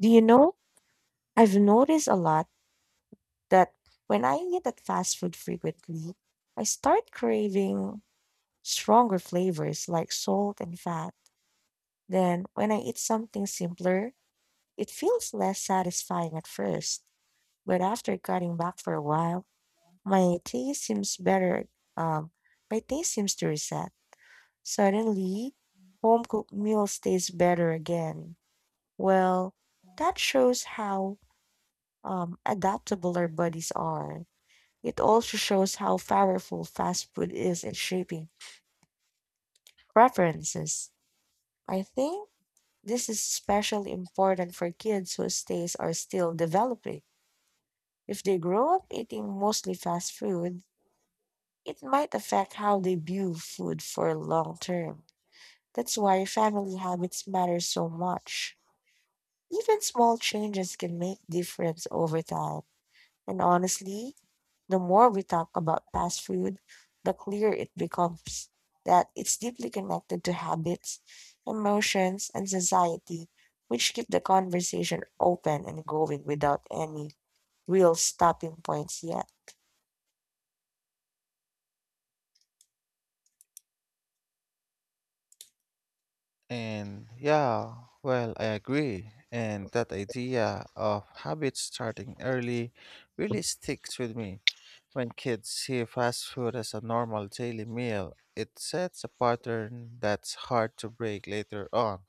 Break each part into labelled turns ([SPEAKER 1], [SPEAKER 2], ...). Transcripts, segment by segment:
[SPEAKER 1] Do you know, I've noticed a lot that when I eat at fast food frequently, I start craving stronger flavors like salt and fat. Then, when I eat something simpler, it feels less satisfying at first. But after cutting back for a while, my taste seems better. Um, my taste seems to reset. Suddenly, home cooked meals taste better again. Well, that shows how adaptable our bodies are. It also shows how powerful fast food is in shaping preferences. I think this is especially important for kids whose tastes are still developing. If they
[SPEAKER 2] Is
[SPEAKER 1] grow up eating
[SPEAKER 2] now
[SPEAKER 1] mostly
[SPEAKER 2] making
[SPEAKER 1] fast
[SPEAKER 2] us the
[SPEAKER 1] food,
[SPEAKER 2] fast food.
[SPEAKER 1] it might
[SPEAKER 2] It wasn't
[SPEAKER 1] affect how they view
[SPEAKER 2] really
[SPEAKER 1] food
[SPEAKER 2] food
[SPEAKER 1] for
[SPEAKER 2] for
[SPEAKER 1] long
[SPEAKER 2] my
[SPEAKER 1] term.
[SPEAKER 2] time.
[SPEAKER 1] That's why
[SPEAKER 2] That's why
[SPEAKER 1] family
[SPEAKER 2] I followed
[SPEAKER 1] habits
[SPEAKER 2] how
[SPEAKER 1] matter
[SPEAKER 2] it
[SPEAKER 1] so
[SPEAKER 2] matters so
[SPEAKER 1] much.
[SPEAKER 2] much.
[SPEAKER 1] Even small
[SPEAKER 2] You can
[SPEAKER 1] changes can make difference over time. And honestly, the more we talk about fast food, the clearer it becomes that it's deeply connected to habits, emotions, and society, which keep the conversation open and going without any real stopping points yet.
[SPEAKER 2] And yeah, well, I agree. And that idea of habits starting early really sticks with me. When kids see fast food as a normal daily meal, it sets a pattern that's hard to break later on.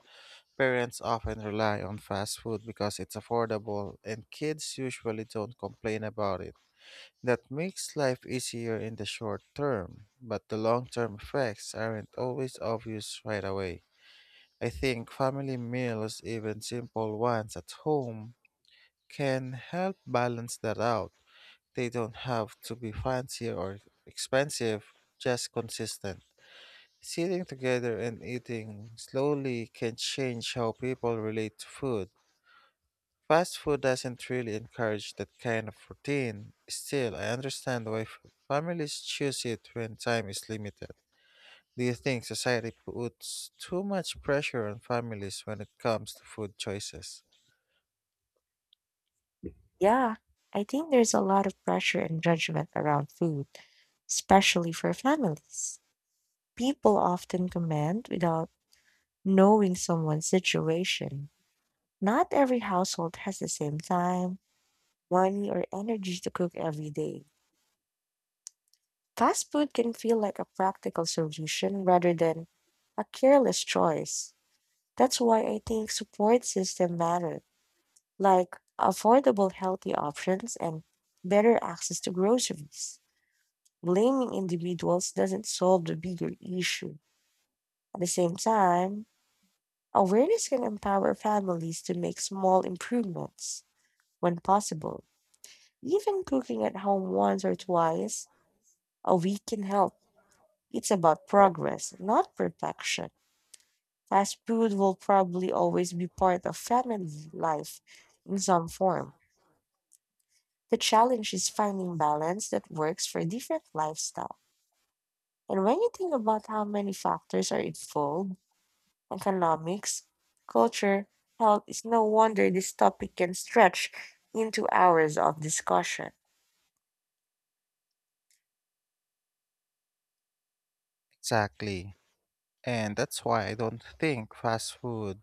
[SPEAKER 2] Parents often rely on fast food because it's affordable, and kids usually don't complain about it. That makes life easier in the short term, but the long term effects aren't always obvious right away. I think family meals, even simple ones at home, can help balance that out. They don't have to be fancy or expensive, just consistent. Sitting together and eating slowly can change how people relate to food. Fast food doesn't really encourage that kind of routine. Still, I understand why families choose it when time is limited. Do you think society puts too much pressure on families when it comes to food choices?
[SPEAKER 1] Yeah, I think there's a lot of pressure and judgment around food, especially for families. People often comment without knowing someone's situation. Not every household has the same time money, or energy to cook every day. Fast food can feel like a practical solution rather than a careless choice. That's why I think support system matter, like affordable healthy options and better access to groceries. Blaming individuals doesn't solve the bigger issue. At the same time, awareness can empower families to make small improvements when possible. Even cooking at home once or twice a week can help. It's about progress, not perfection. Fast food will probably always be part of family life in some form. The challenge is finding balance that works for different lifestyle. And when you think about how many factors are involved, economics, culture, health, it's no wonder this topic can stretch into hours of discussion.
[SPEAKER 2] Exactly. And that's why I don't think fast food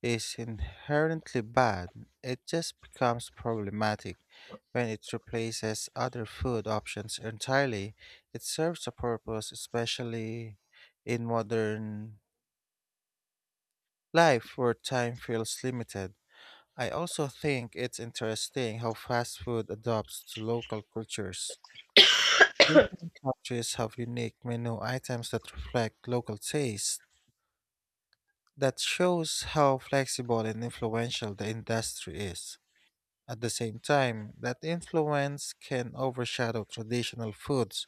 [SPEAKER 2] is inherently bad. It just becomes problematic when it replaces other food options entirely. It serves a purpose, especially in modern life where time feels limited. I also think it's interesting how fast food adapts to local cultures. Different countries have unique menu items that reflect local taste. That shows how flexible and influential the industry is. At the same time, that influence can overshadow traditional foods.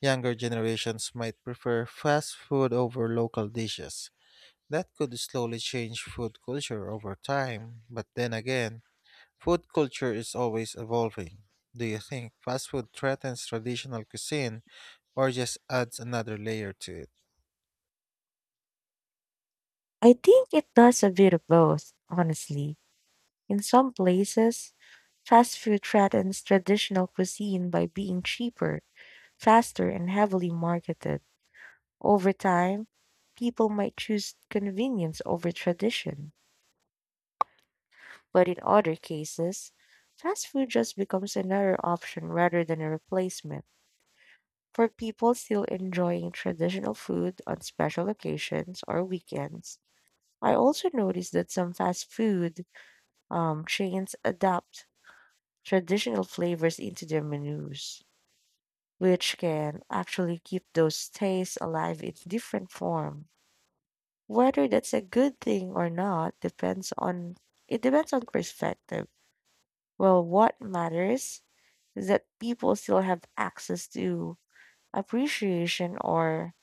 [SPEAKER 2] Younger generations might prefer fast food over local dishes. That could slowly change food culture over time, but then again, food culture is always evolving. Do you think fast food threatens traditional cuisine or just adds another layer to it?
[SPEAKER 1] I think it does a bit of both, honestly. In some places, fast food threatens traditional cuisine by being cheaper, faster, and heavily marketed. Over time, people might choose convenience over tradition. But in other cases, fast food just becomes another option rather than a replacement. For people still enjoying traditional food on special occasions or weekends, I also noticed that some fast food chains adapt traditional flavors into their menus, which can actually keep those tastes alive in different form. Whether that's a good thing or not depends on it depends on perspective. Well, what matters is that people still have access to appreciation or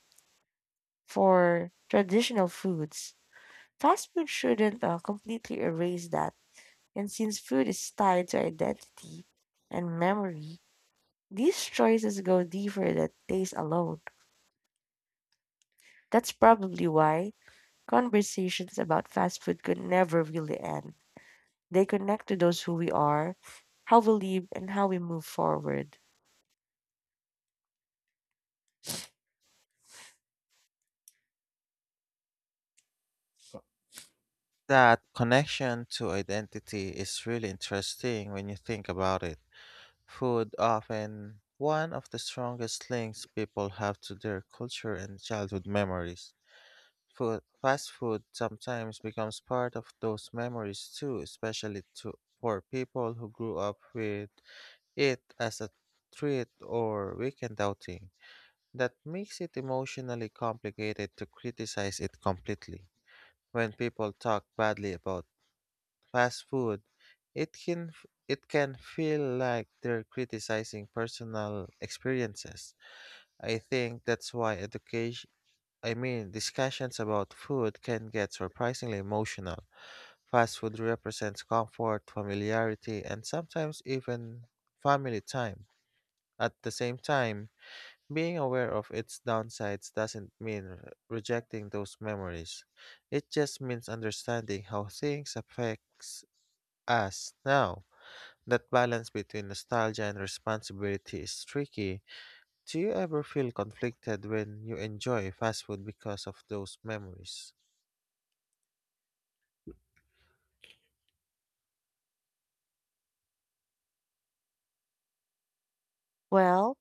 [SPEAKER 1] for traditional foods. Fast food shouldn't completely erase that. And since food is tied to identity and memory, these choices go deeper than taste alone. That's probably why conversations about fast food could never really end. They connect to those who we are, how we live, and how we move forward.
[SPEAKER 2] That connection to identity is really interesting when you think about it. Food often one of the strongest links people have to their culture and childhood memories. Food, fast food sometimes becomes part of those memories too, especially for people who grew up with it as a threat or weekend outing. That makes it emotionally complicated to criticize it completely. When people talk badly about fast food, it can feel like they're criticizing personal experiences. I think that's why education I mean discussions about food can get surprisingly emotional. Fast food represents comfort, familiarity, and sometimes even family time at the same time, being aware of its downsides doesn't mean rejecting those memories. It just means understanding how things affects us now. That balance between nostalgia and responsibility is tricky. Do you ever feel conflicted when you enjoy fast food because of those memories?
[SPEAKER 1] Well,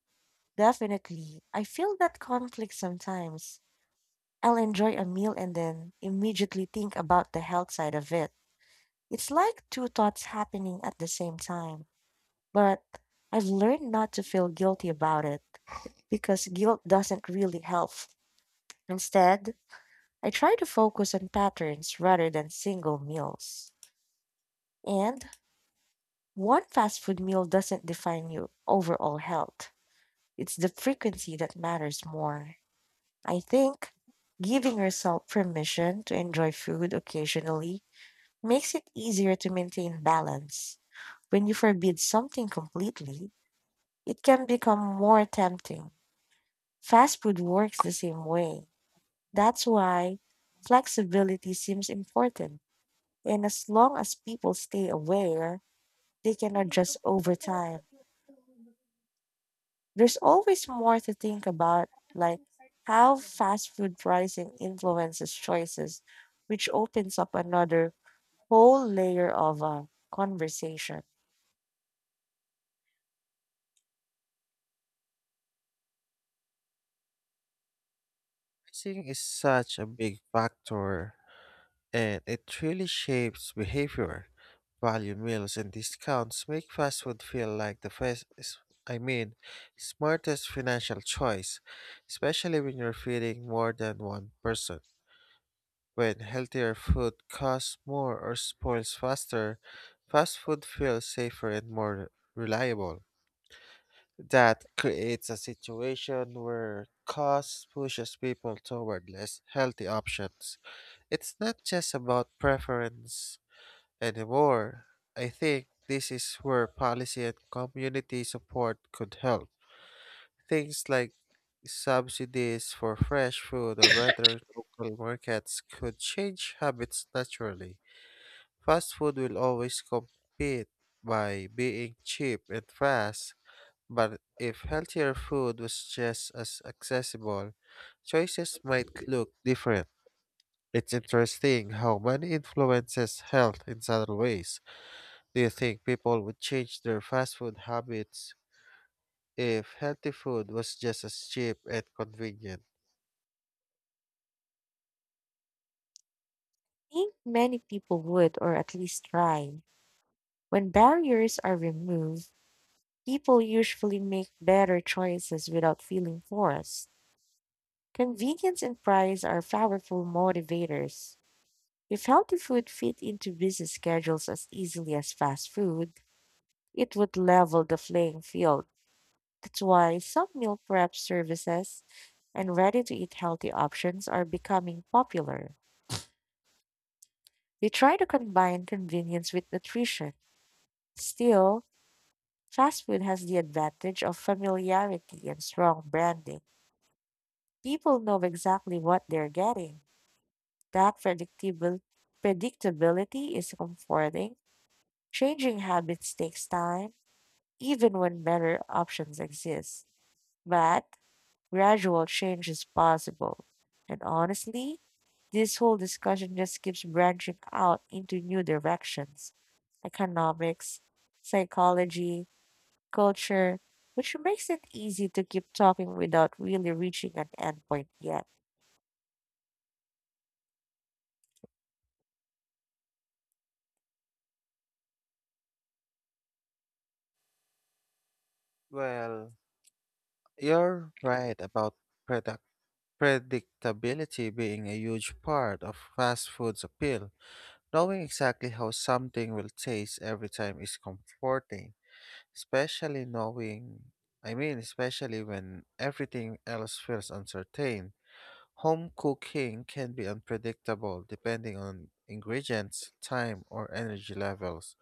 [SPEAKER 1] definitely. I feel that conflict sometimes. I'll enjoy a meal and then immediately think about the health side of it. It's like two thoughts happening at the same time. But I've learned not to feel guilty about it because guilt doesn't really help. Instead, I try to focus on patterns rather than single meals. And one fast food meal doesn't define your overall health, it's the frequency that matters more. I think giving yourself permission to enjoy food occasionally makes it easier to maintain balance. When you forbid something completely, it can become more tempting. Fast food works the same way. That's why flexibility seems important. And as long as people stay aware, they can adjust over time. There's always more to think about, like how fast food pricing influences choices, which opens up another whole layer of conversation.
[SPEAKER 2] I think it's such a big factor, and it really shapes behavior. Value meals and discounts make fast food feel like the best, I mean, smartest financial choice, especially when you're feeding more than one person. When healthier food costs more or spoils faster, fast food feels safer and more reliable. That creates a situation where cost pushes people toward less healthy options. It's not just about preference anymore. I think this is where policy and community support could help. Things like subsidies for fresh food or better local markets could change habits naturally. Fast food will always compete by being cheap and fast, but if healthier food was just as accessible, choices might look different. It's interesting how money influences health in subtle ways. Do you think people would change their fast food habits if healthy food was just as cheap and convenient?
[SPEAKER 1] I think many people would, or at least try. When barriers are removed, people usually make better choices without feeling forced. Convenience and price are powerful motivators. If healthy food fit into busy schedules as easily as fast food, it would level the playing field. That's why some meal prep services and ready to eat healthy options are becoming popular. They try to combine convenience with nutrition. Still, fast food has the advantage of familiarity and strong branding. People know exactly what they're getting. That predictable predictability is comforting. Changing habits takes time even when better options exist. But gradual change is possible. And honestly, this whole discussion just keeps branching out into new directions economics, psychology, culture, which makes it easy to keep talking without really reaching an endpoint yet.
[SPEAKER 2] Well, you're right about product predictability being a huge part of fast food's appeal. Knowing exactly how something will taste every time is comforting, especially knowing, I mean, especially when everything else feels uncertain. Home cooking can be unpredictable depending on ingredients, time, or energy levels.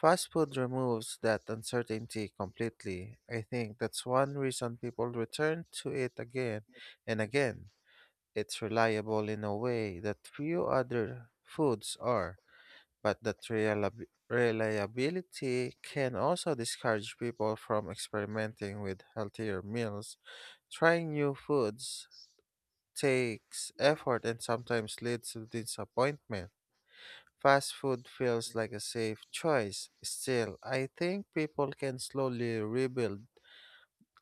[SPEAKER 2] Fast food removes that uncertainty completely. I think that's one reason people return to it again and again. It's reliable in a way that few other foods are, but that reliability can also discourage people from experimenting with healthier meals, trying new foods, takes effort and sometimes leads to disappointment. Fast food feels like a safe choice. Still, I think people can slowly rebuild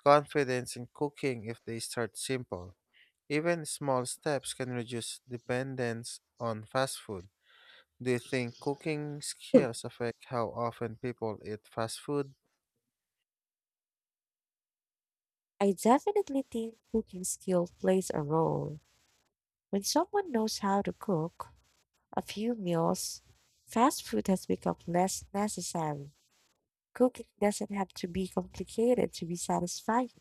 [SPEAKER 2] confidence in cooking if they start simple. Even small steps can reduce dependence on fast food. Do you think cooking skills affect how often people eat fast food?
[SPEAKER 1] I definitely think cooking skill plays a role. When someone knows how to cook a few meals, fast food has become less necessary. Cooking doesn't have to be complicated to be satisfying.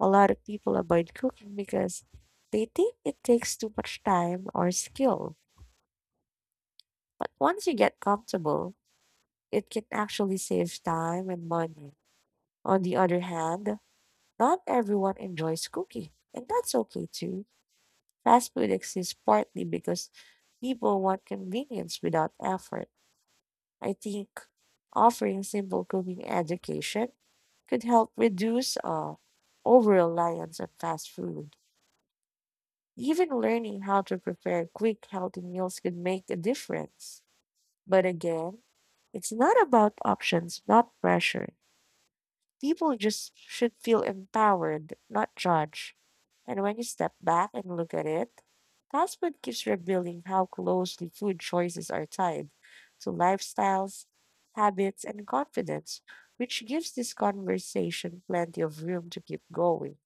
[SPEAKER 1] A lot of people avoid cooking because they think it takes too much time or skill. But once you get comfortable, it can actually save time and money. On the other hand, not everyone enjoys cooking, and that's okay too. Fast food exists partly because people want convenience without effort. I think offering simple cooking education could help reduce over reliance on fast food. Even learning how to prepare quick, healthy meals could make a difference. But again, it's not about options, not pressure. People just should feel empowered, not judged. And when you step back and look at it, that's what keeps revealing how closely food choices are tied to lifestyles, habits, and confidence, which gives this conversation plenty of room to keep going.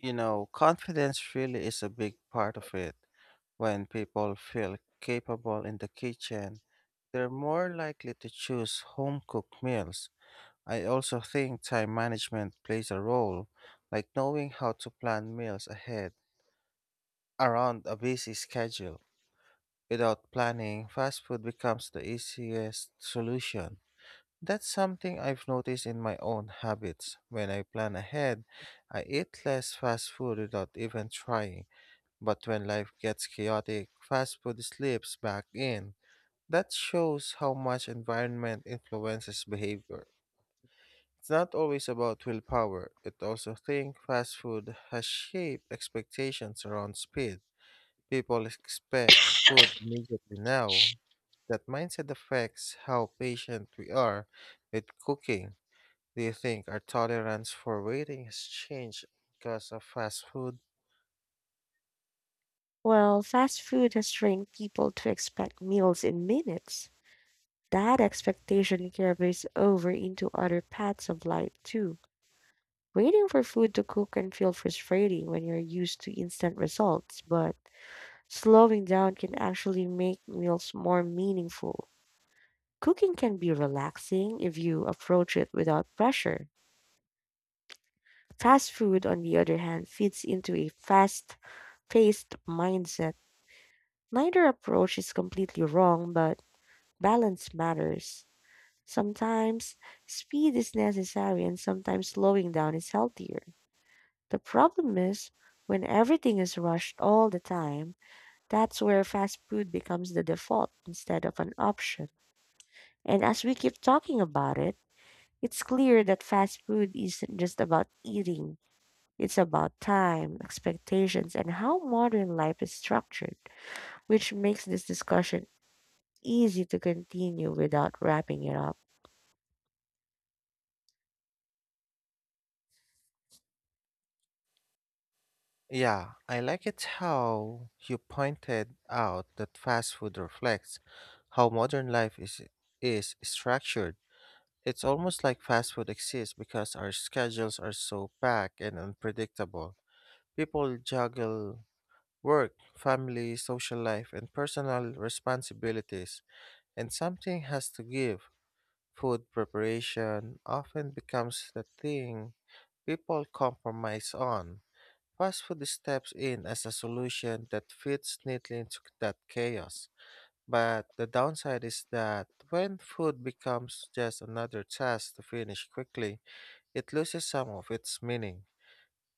[SPEAKER 2] You know, confidence really is a big part of it. When people feel capable in the kitchen, they're more likely to choose home cooked meals. I also think time management plays a role, like knowing how to plan meals ahead around a busy schedule. Without planning, fast food becomes the easiest solution. That's something I've noticed in my own habits. When I plan ahead, I eat less fast food without even trying. But when life gets chaotic, fast food slips back in. That shows how much environment influences behavior. It's not always about willpower. It also think fast food has shaped expectations around speed. People expect food immediately now. That mindset affects how patient we are with cooking. Do you think our tolerance for waiting has changed because of fast food?
[SPEAKER 1] Well, fast food has trained people to expect meals in minutes. That expectation carries over into other paths of life too. Waiting for food to cook can feel frustrating when you're used to instant results, but slowing down can actually make meals more meaningful. Cooking can be relaxing if you approach it without pressure. Fast food, on the other hand, fits into a fast paced mindset. Neither approach is completely wrong, but balance matters. Sometimes speed is necessary, and sometimes slowing down is healthier. The problem is when everything is rushed all the time, that's where fast food becomes the default instead of an option. And as we keep talking about it, it's clear that fast food isn't just about eating. It's about time, expectations, and how modern life is structured, which makes this discussion easy to continue without wrapping it up.
[SPEAKER 2] Yeah, I like it how you pointed out that fast food reflects how modern life is structured. It's almost like fast food exists because our schedules are so packed and unpredictable. People juggle work, family, social life, and personal responsibilities, and something has to give. Food preparation often becomes the thing people compromise on. Fast food steps in as a solution that fits neatly into that chaos. But the downside is that when food becomes just another task to finish quickly, it loses some of its meaning.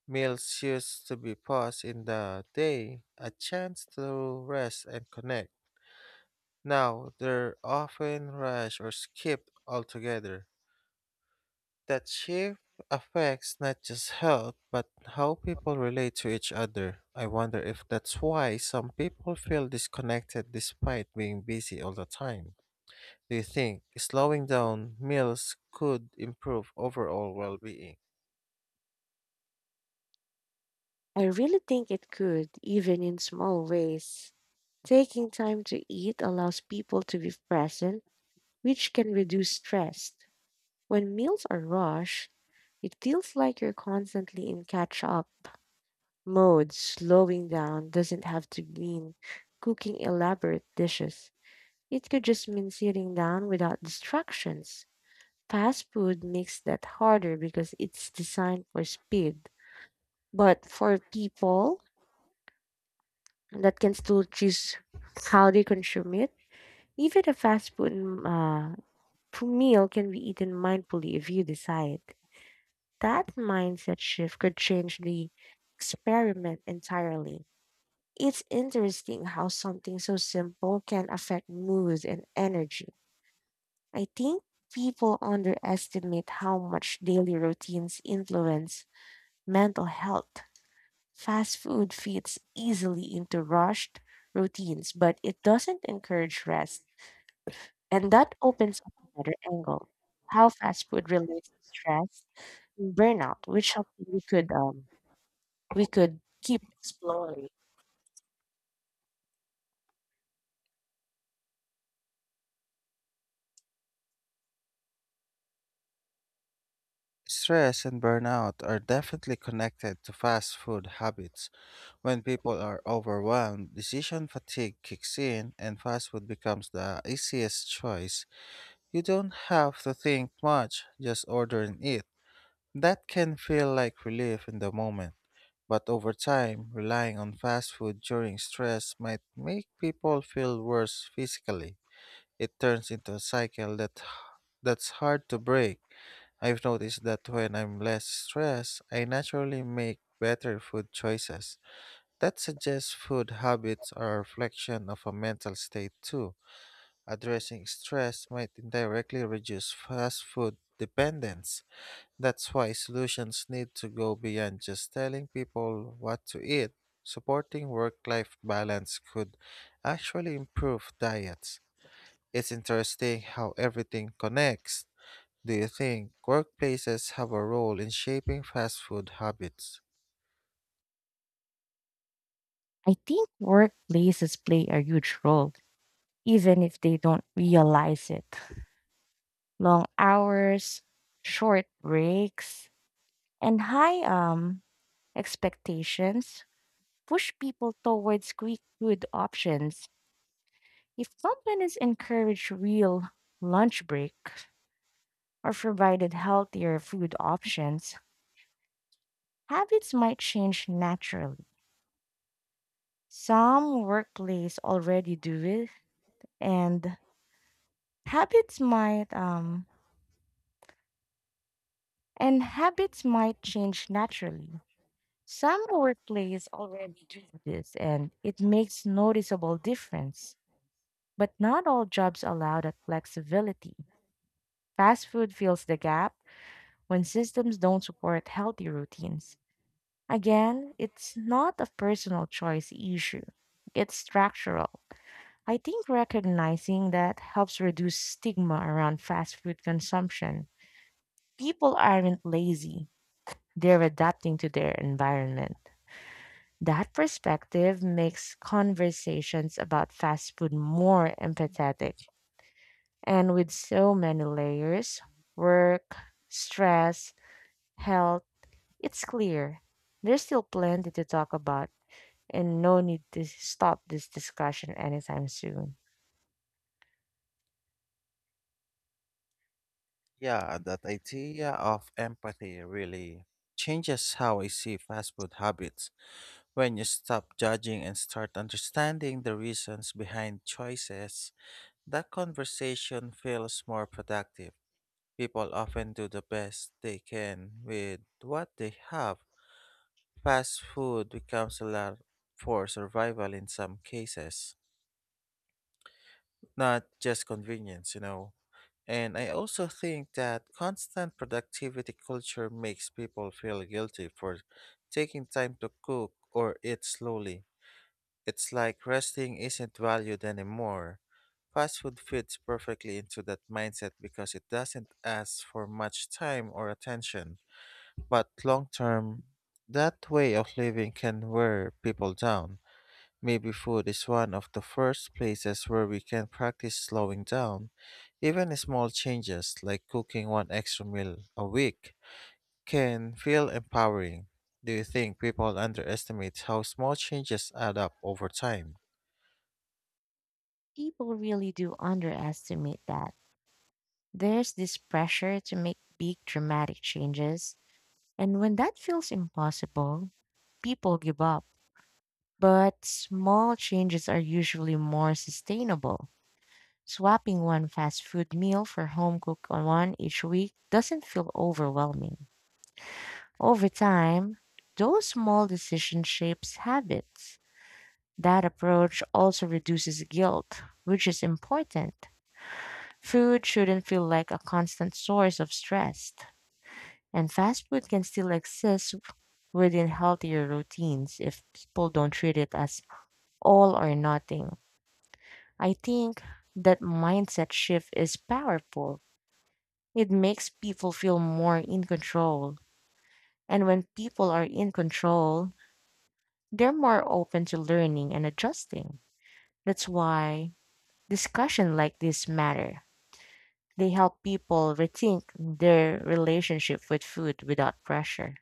[SPEAKER 2] Meals used to be paused in the day, a chance to rest and connect. Now they're often rushed or skipped altogether. That shift affects not just health, but how people relate to each other. I wonder if that's why some people feel disconnected despite being busy all the time. Do you think slowing down meals could improve overall well being?
[SPEAKER 1] I really think it could, even in small ways. Taking time to eat allows people to be present which can reduce stress. When meals are rushed, it feels like you're constantly in catch up mode. Slowing down doesn't have to mean cooking elaborate dishes, it could just mean sitting down without distractions. Fast food makes that harder because it's designed for speed. But for people that can still choose how they consume it, even a fast food uh, meal can be eaten mindfully if you decide. That mindset shift could change the experiment entirely. It's interesting how something so simple can affect mood and energy. I think people underestimate how much daily routines influence mental health. Fast food fits easily into rushed routines, but it doesn't encourage rest. And that opens up another angle how fast food relates to stress and burnout, which something we could keep exploring.
[SPEAKER 2] Stress and burnout are definitely connected to fast food habits. When people are overwhelmed, decision fatigue kicks in, and fast food becomes the easiest choice. You don't have to think much, just order and eat. That can feel like relief in the moment, but over time, relying on fast food during stress might make people feel worse physically. It turns into a cycle that's hard to break. I've noticed that when I'm less stressed, I naturally make better food choices. That suggests food habits are a reflection of a mental state too. Addressing stress might indirectly reduce fast food dependence. That's why solutions need to go beyond just telling people what to eat. Supporting work life balance could actually improve diets. It's interesting how everything connects. Do you think workplaces have a role in shaping fast food habits?
[SPEAKER 1] I think workplaces play a huge role, even if they don't realize it. Long hours, short breaks, and high expectations push people towards quick food options. If companies encourage real lunch break or provided healthier food options, habits might change naturally. Some workplaces already do it and Habits might um and habits might change naturally. Some workplace already do this and it makes noticeable difference. But not all jobs allow that flexibility. Fast food fills the gap when systems don't support healthy routines. Again, it's not a personal choice issue. It's structural. I think recognizing that helps reduce stigma around fast food consumption. People aren't lazy. They're adapting to their environment. That perspective makes conversations about fast food more empathetic. And with so many layers work, stress, health it's clear. There's still plenty to talk about, and no need to stop this discussion anytime soon.
[SPEAKER 2] Yeah, that idea of empathy really changes how I see fast food habits. When you stop judging and start understanding the reasons behind choices, that conversation feels more productive. People often do the best they can with what they have. Fast food becomes a lot for survival in some cases, not just convenience, you know. And I also think that constant productivity culture makes people feel guilty for taking time to cook or eat slowly. It's like resting isn't valued anymore. Fast food fits perfectly into that mindset because it doesn't ask for much time or attention. But long term, that way of living can wear people down. Maybe food is one of the first places where we can practice slowing down. Even small changes, like cooking one extra meal a week, can feel empowering. Do you think people underestimate how small changes add up over time?
[SPEAKER 1] People really do underestimate that. There's this pressure to make big dramatic changes, and when that feels impossible, people give up. But small changes are usually more sustainable. Swapping one fast food meal for home cooked one each week doesn't feel overwhelming. Over time, those small decisions shapes habits. That approach also reduces guilt, which is important. Food shouldn't feel like a constant source of stress, and fast food can still exist within healthier routines if people don't treat it as all or nothing. I think that mindset shift is powerful. It makes people feel more in control. And when people are in control, they're more open to learning and adjusting. That's why discussion like this matter. They help people rethink their relationship with food without pressure.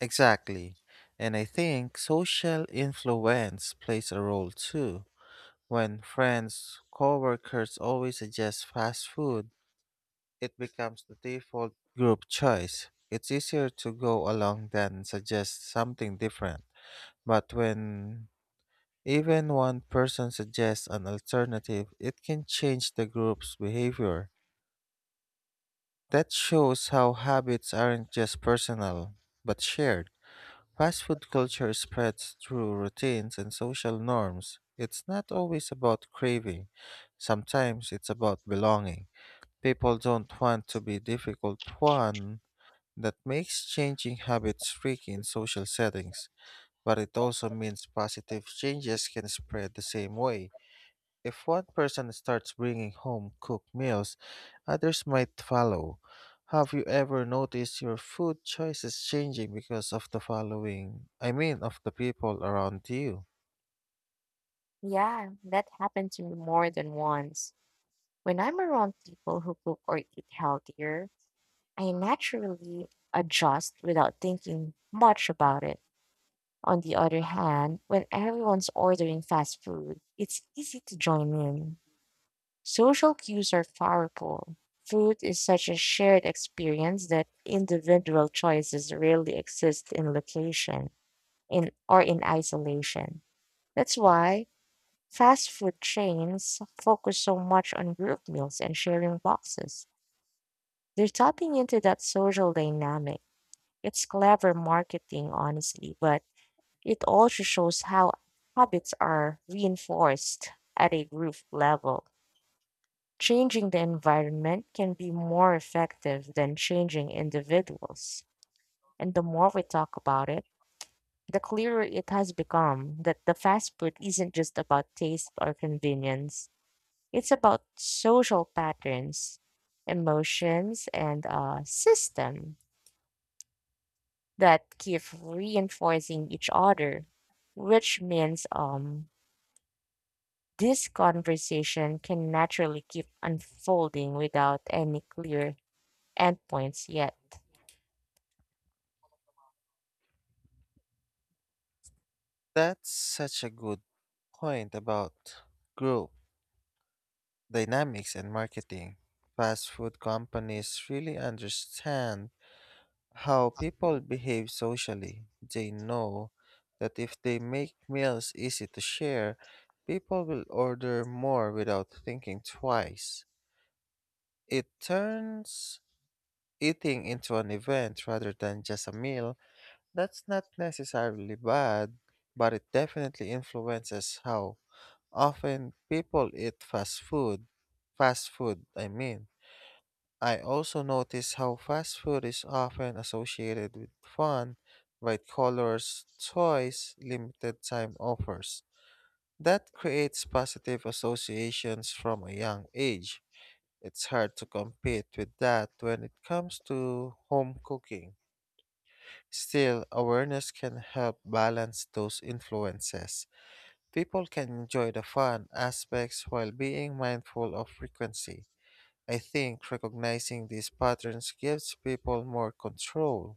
[SPEAKER 2] Exactly. And I think social influence plays a role too. When friends, coworkers always suggest fast food, it becomes the default group choice. It's easier to go along than suggest something different. But when even one person suggests an alternative, it can change the group's behavior. That shows how habits aren't just personal, but shared. Fast food culture spreads through routines and social norms. It's not always about craving, sometimes it's about belonging. People don't want to be difficult one. That makes changing habits tricky in social settings, but it also means positive changes can spread the same way. If one person starts bringing home cooked meals, others might follow. Have you ever noticed your food choices changing because of the following? I mean, of the people around you?
[SPEAKER 1] Yeah, that happened to me more than once. When I'm around people who cook or eat healthier, I naturally adjust without thinking much about it. On the other hand, when everyone's ordering fast food, it's easy to join in. Social cues are powerful. Food is such a shared experience that individual choices rarely exist in location in or in isolation. That's why fast food chains focus so much on group meals and sharing boxes. They're tapping into that social dynamic. It's clever marketing, honestly, but it also shows how habits are reinforced at a group level. Changing the environment can be more effective than changing individuals. And the more we talk about it, the clearer it has become that the fast food isn't just about taste or convenience, it's about social patterns, emotions, and a system that keep reinforcing each other, which means this conversation can naturally keep unfolding without any clear endpoints yet.
[SPEAKER 2] That's such a good point about group dynamics and marketing. Fast food companies really understand how people behave socially. They know that if they make meals easy to share, people will order more without thinking twice. It turns eating into an event rather than just a meal. That's not necessarily bad, but it definitely influences how often people eat fast food. Fast food, I mean. I also notice how fast food is often associated with fun, bright colors, toys, limited time offers. That creates positive associations from a young age. It's hard to compete with that when it comes to home cooking. Still, awareness can help balance those influences. People can enjoy the fun aspects while being mindful of frequency. I think recognizing these patterns gives people more control.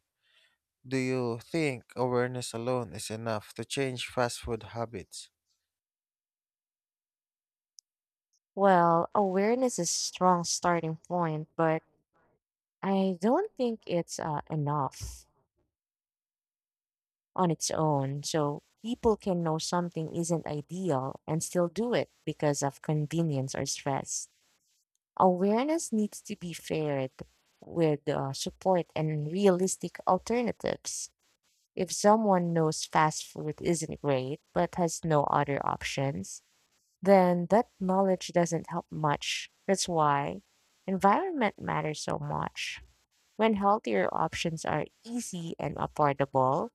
[SPEAKER 2] Do you think awareness alone is enough to change fast food habits?
[SPEAKER 1] Well, awareness is a strong starting point, but I don't think it's enough on its own. So people can know something isn't ideal and still do it because of convenience or stress. Awareness needs to be paired with support and realistic alternatives. If someone knows fast food isn't great but has no other options, then that knowledge doesn't help much. That's why environment matters so much. When healthier options are easy and affordable,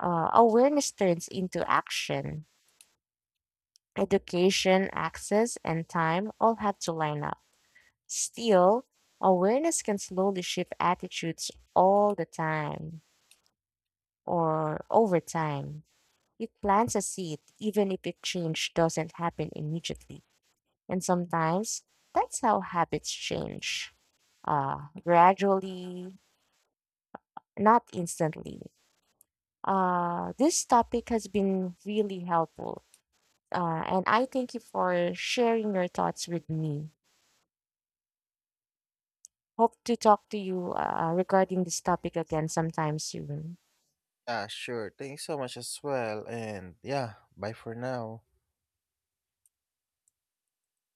[SPEAKER 1] awareness turns into action. Education, access, and time all have to line up. Still, awareness can slowly shift attitudes all the time or over time. It plants a seed, even if it change doesn't happen immediately. And sometimes that's how habits change, gradually, not instantly. This topic has been really helpful. And I thank you for sharing your thoughts with me. Hope to talk to you regarding this topic again sometime soon.
[SPEAKER 2] Ah, sure. Thanks so much as well. And yeah, bye for now.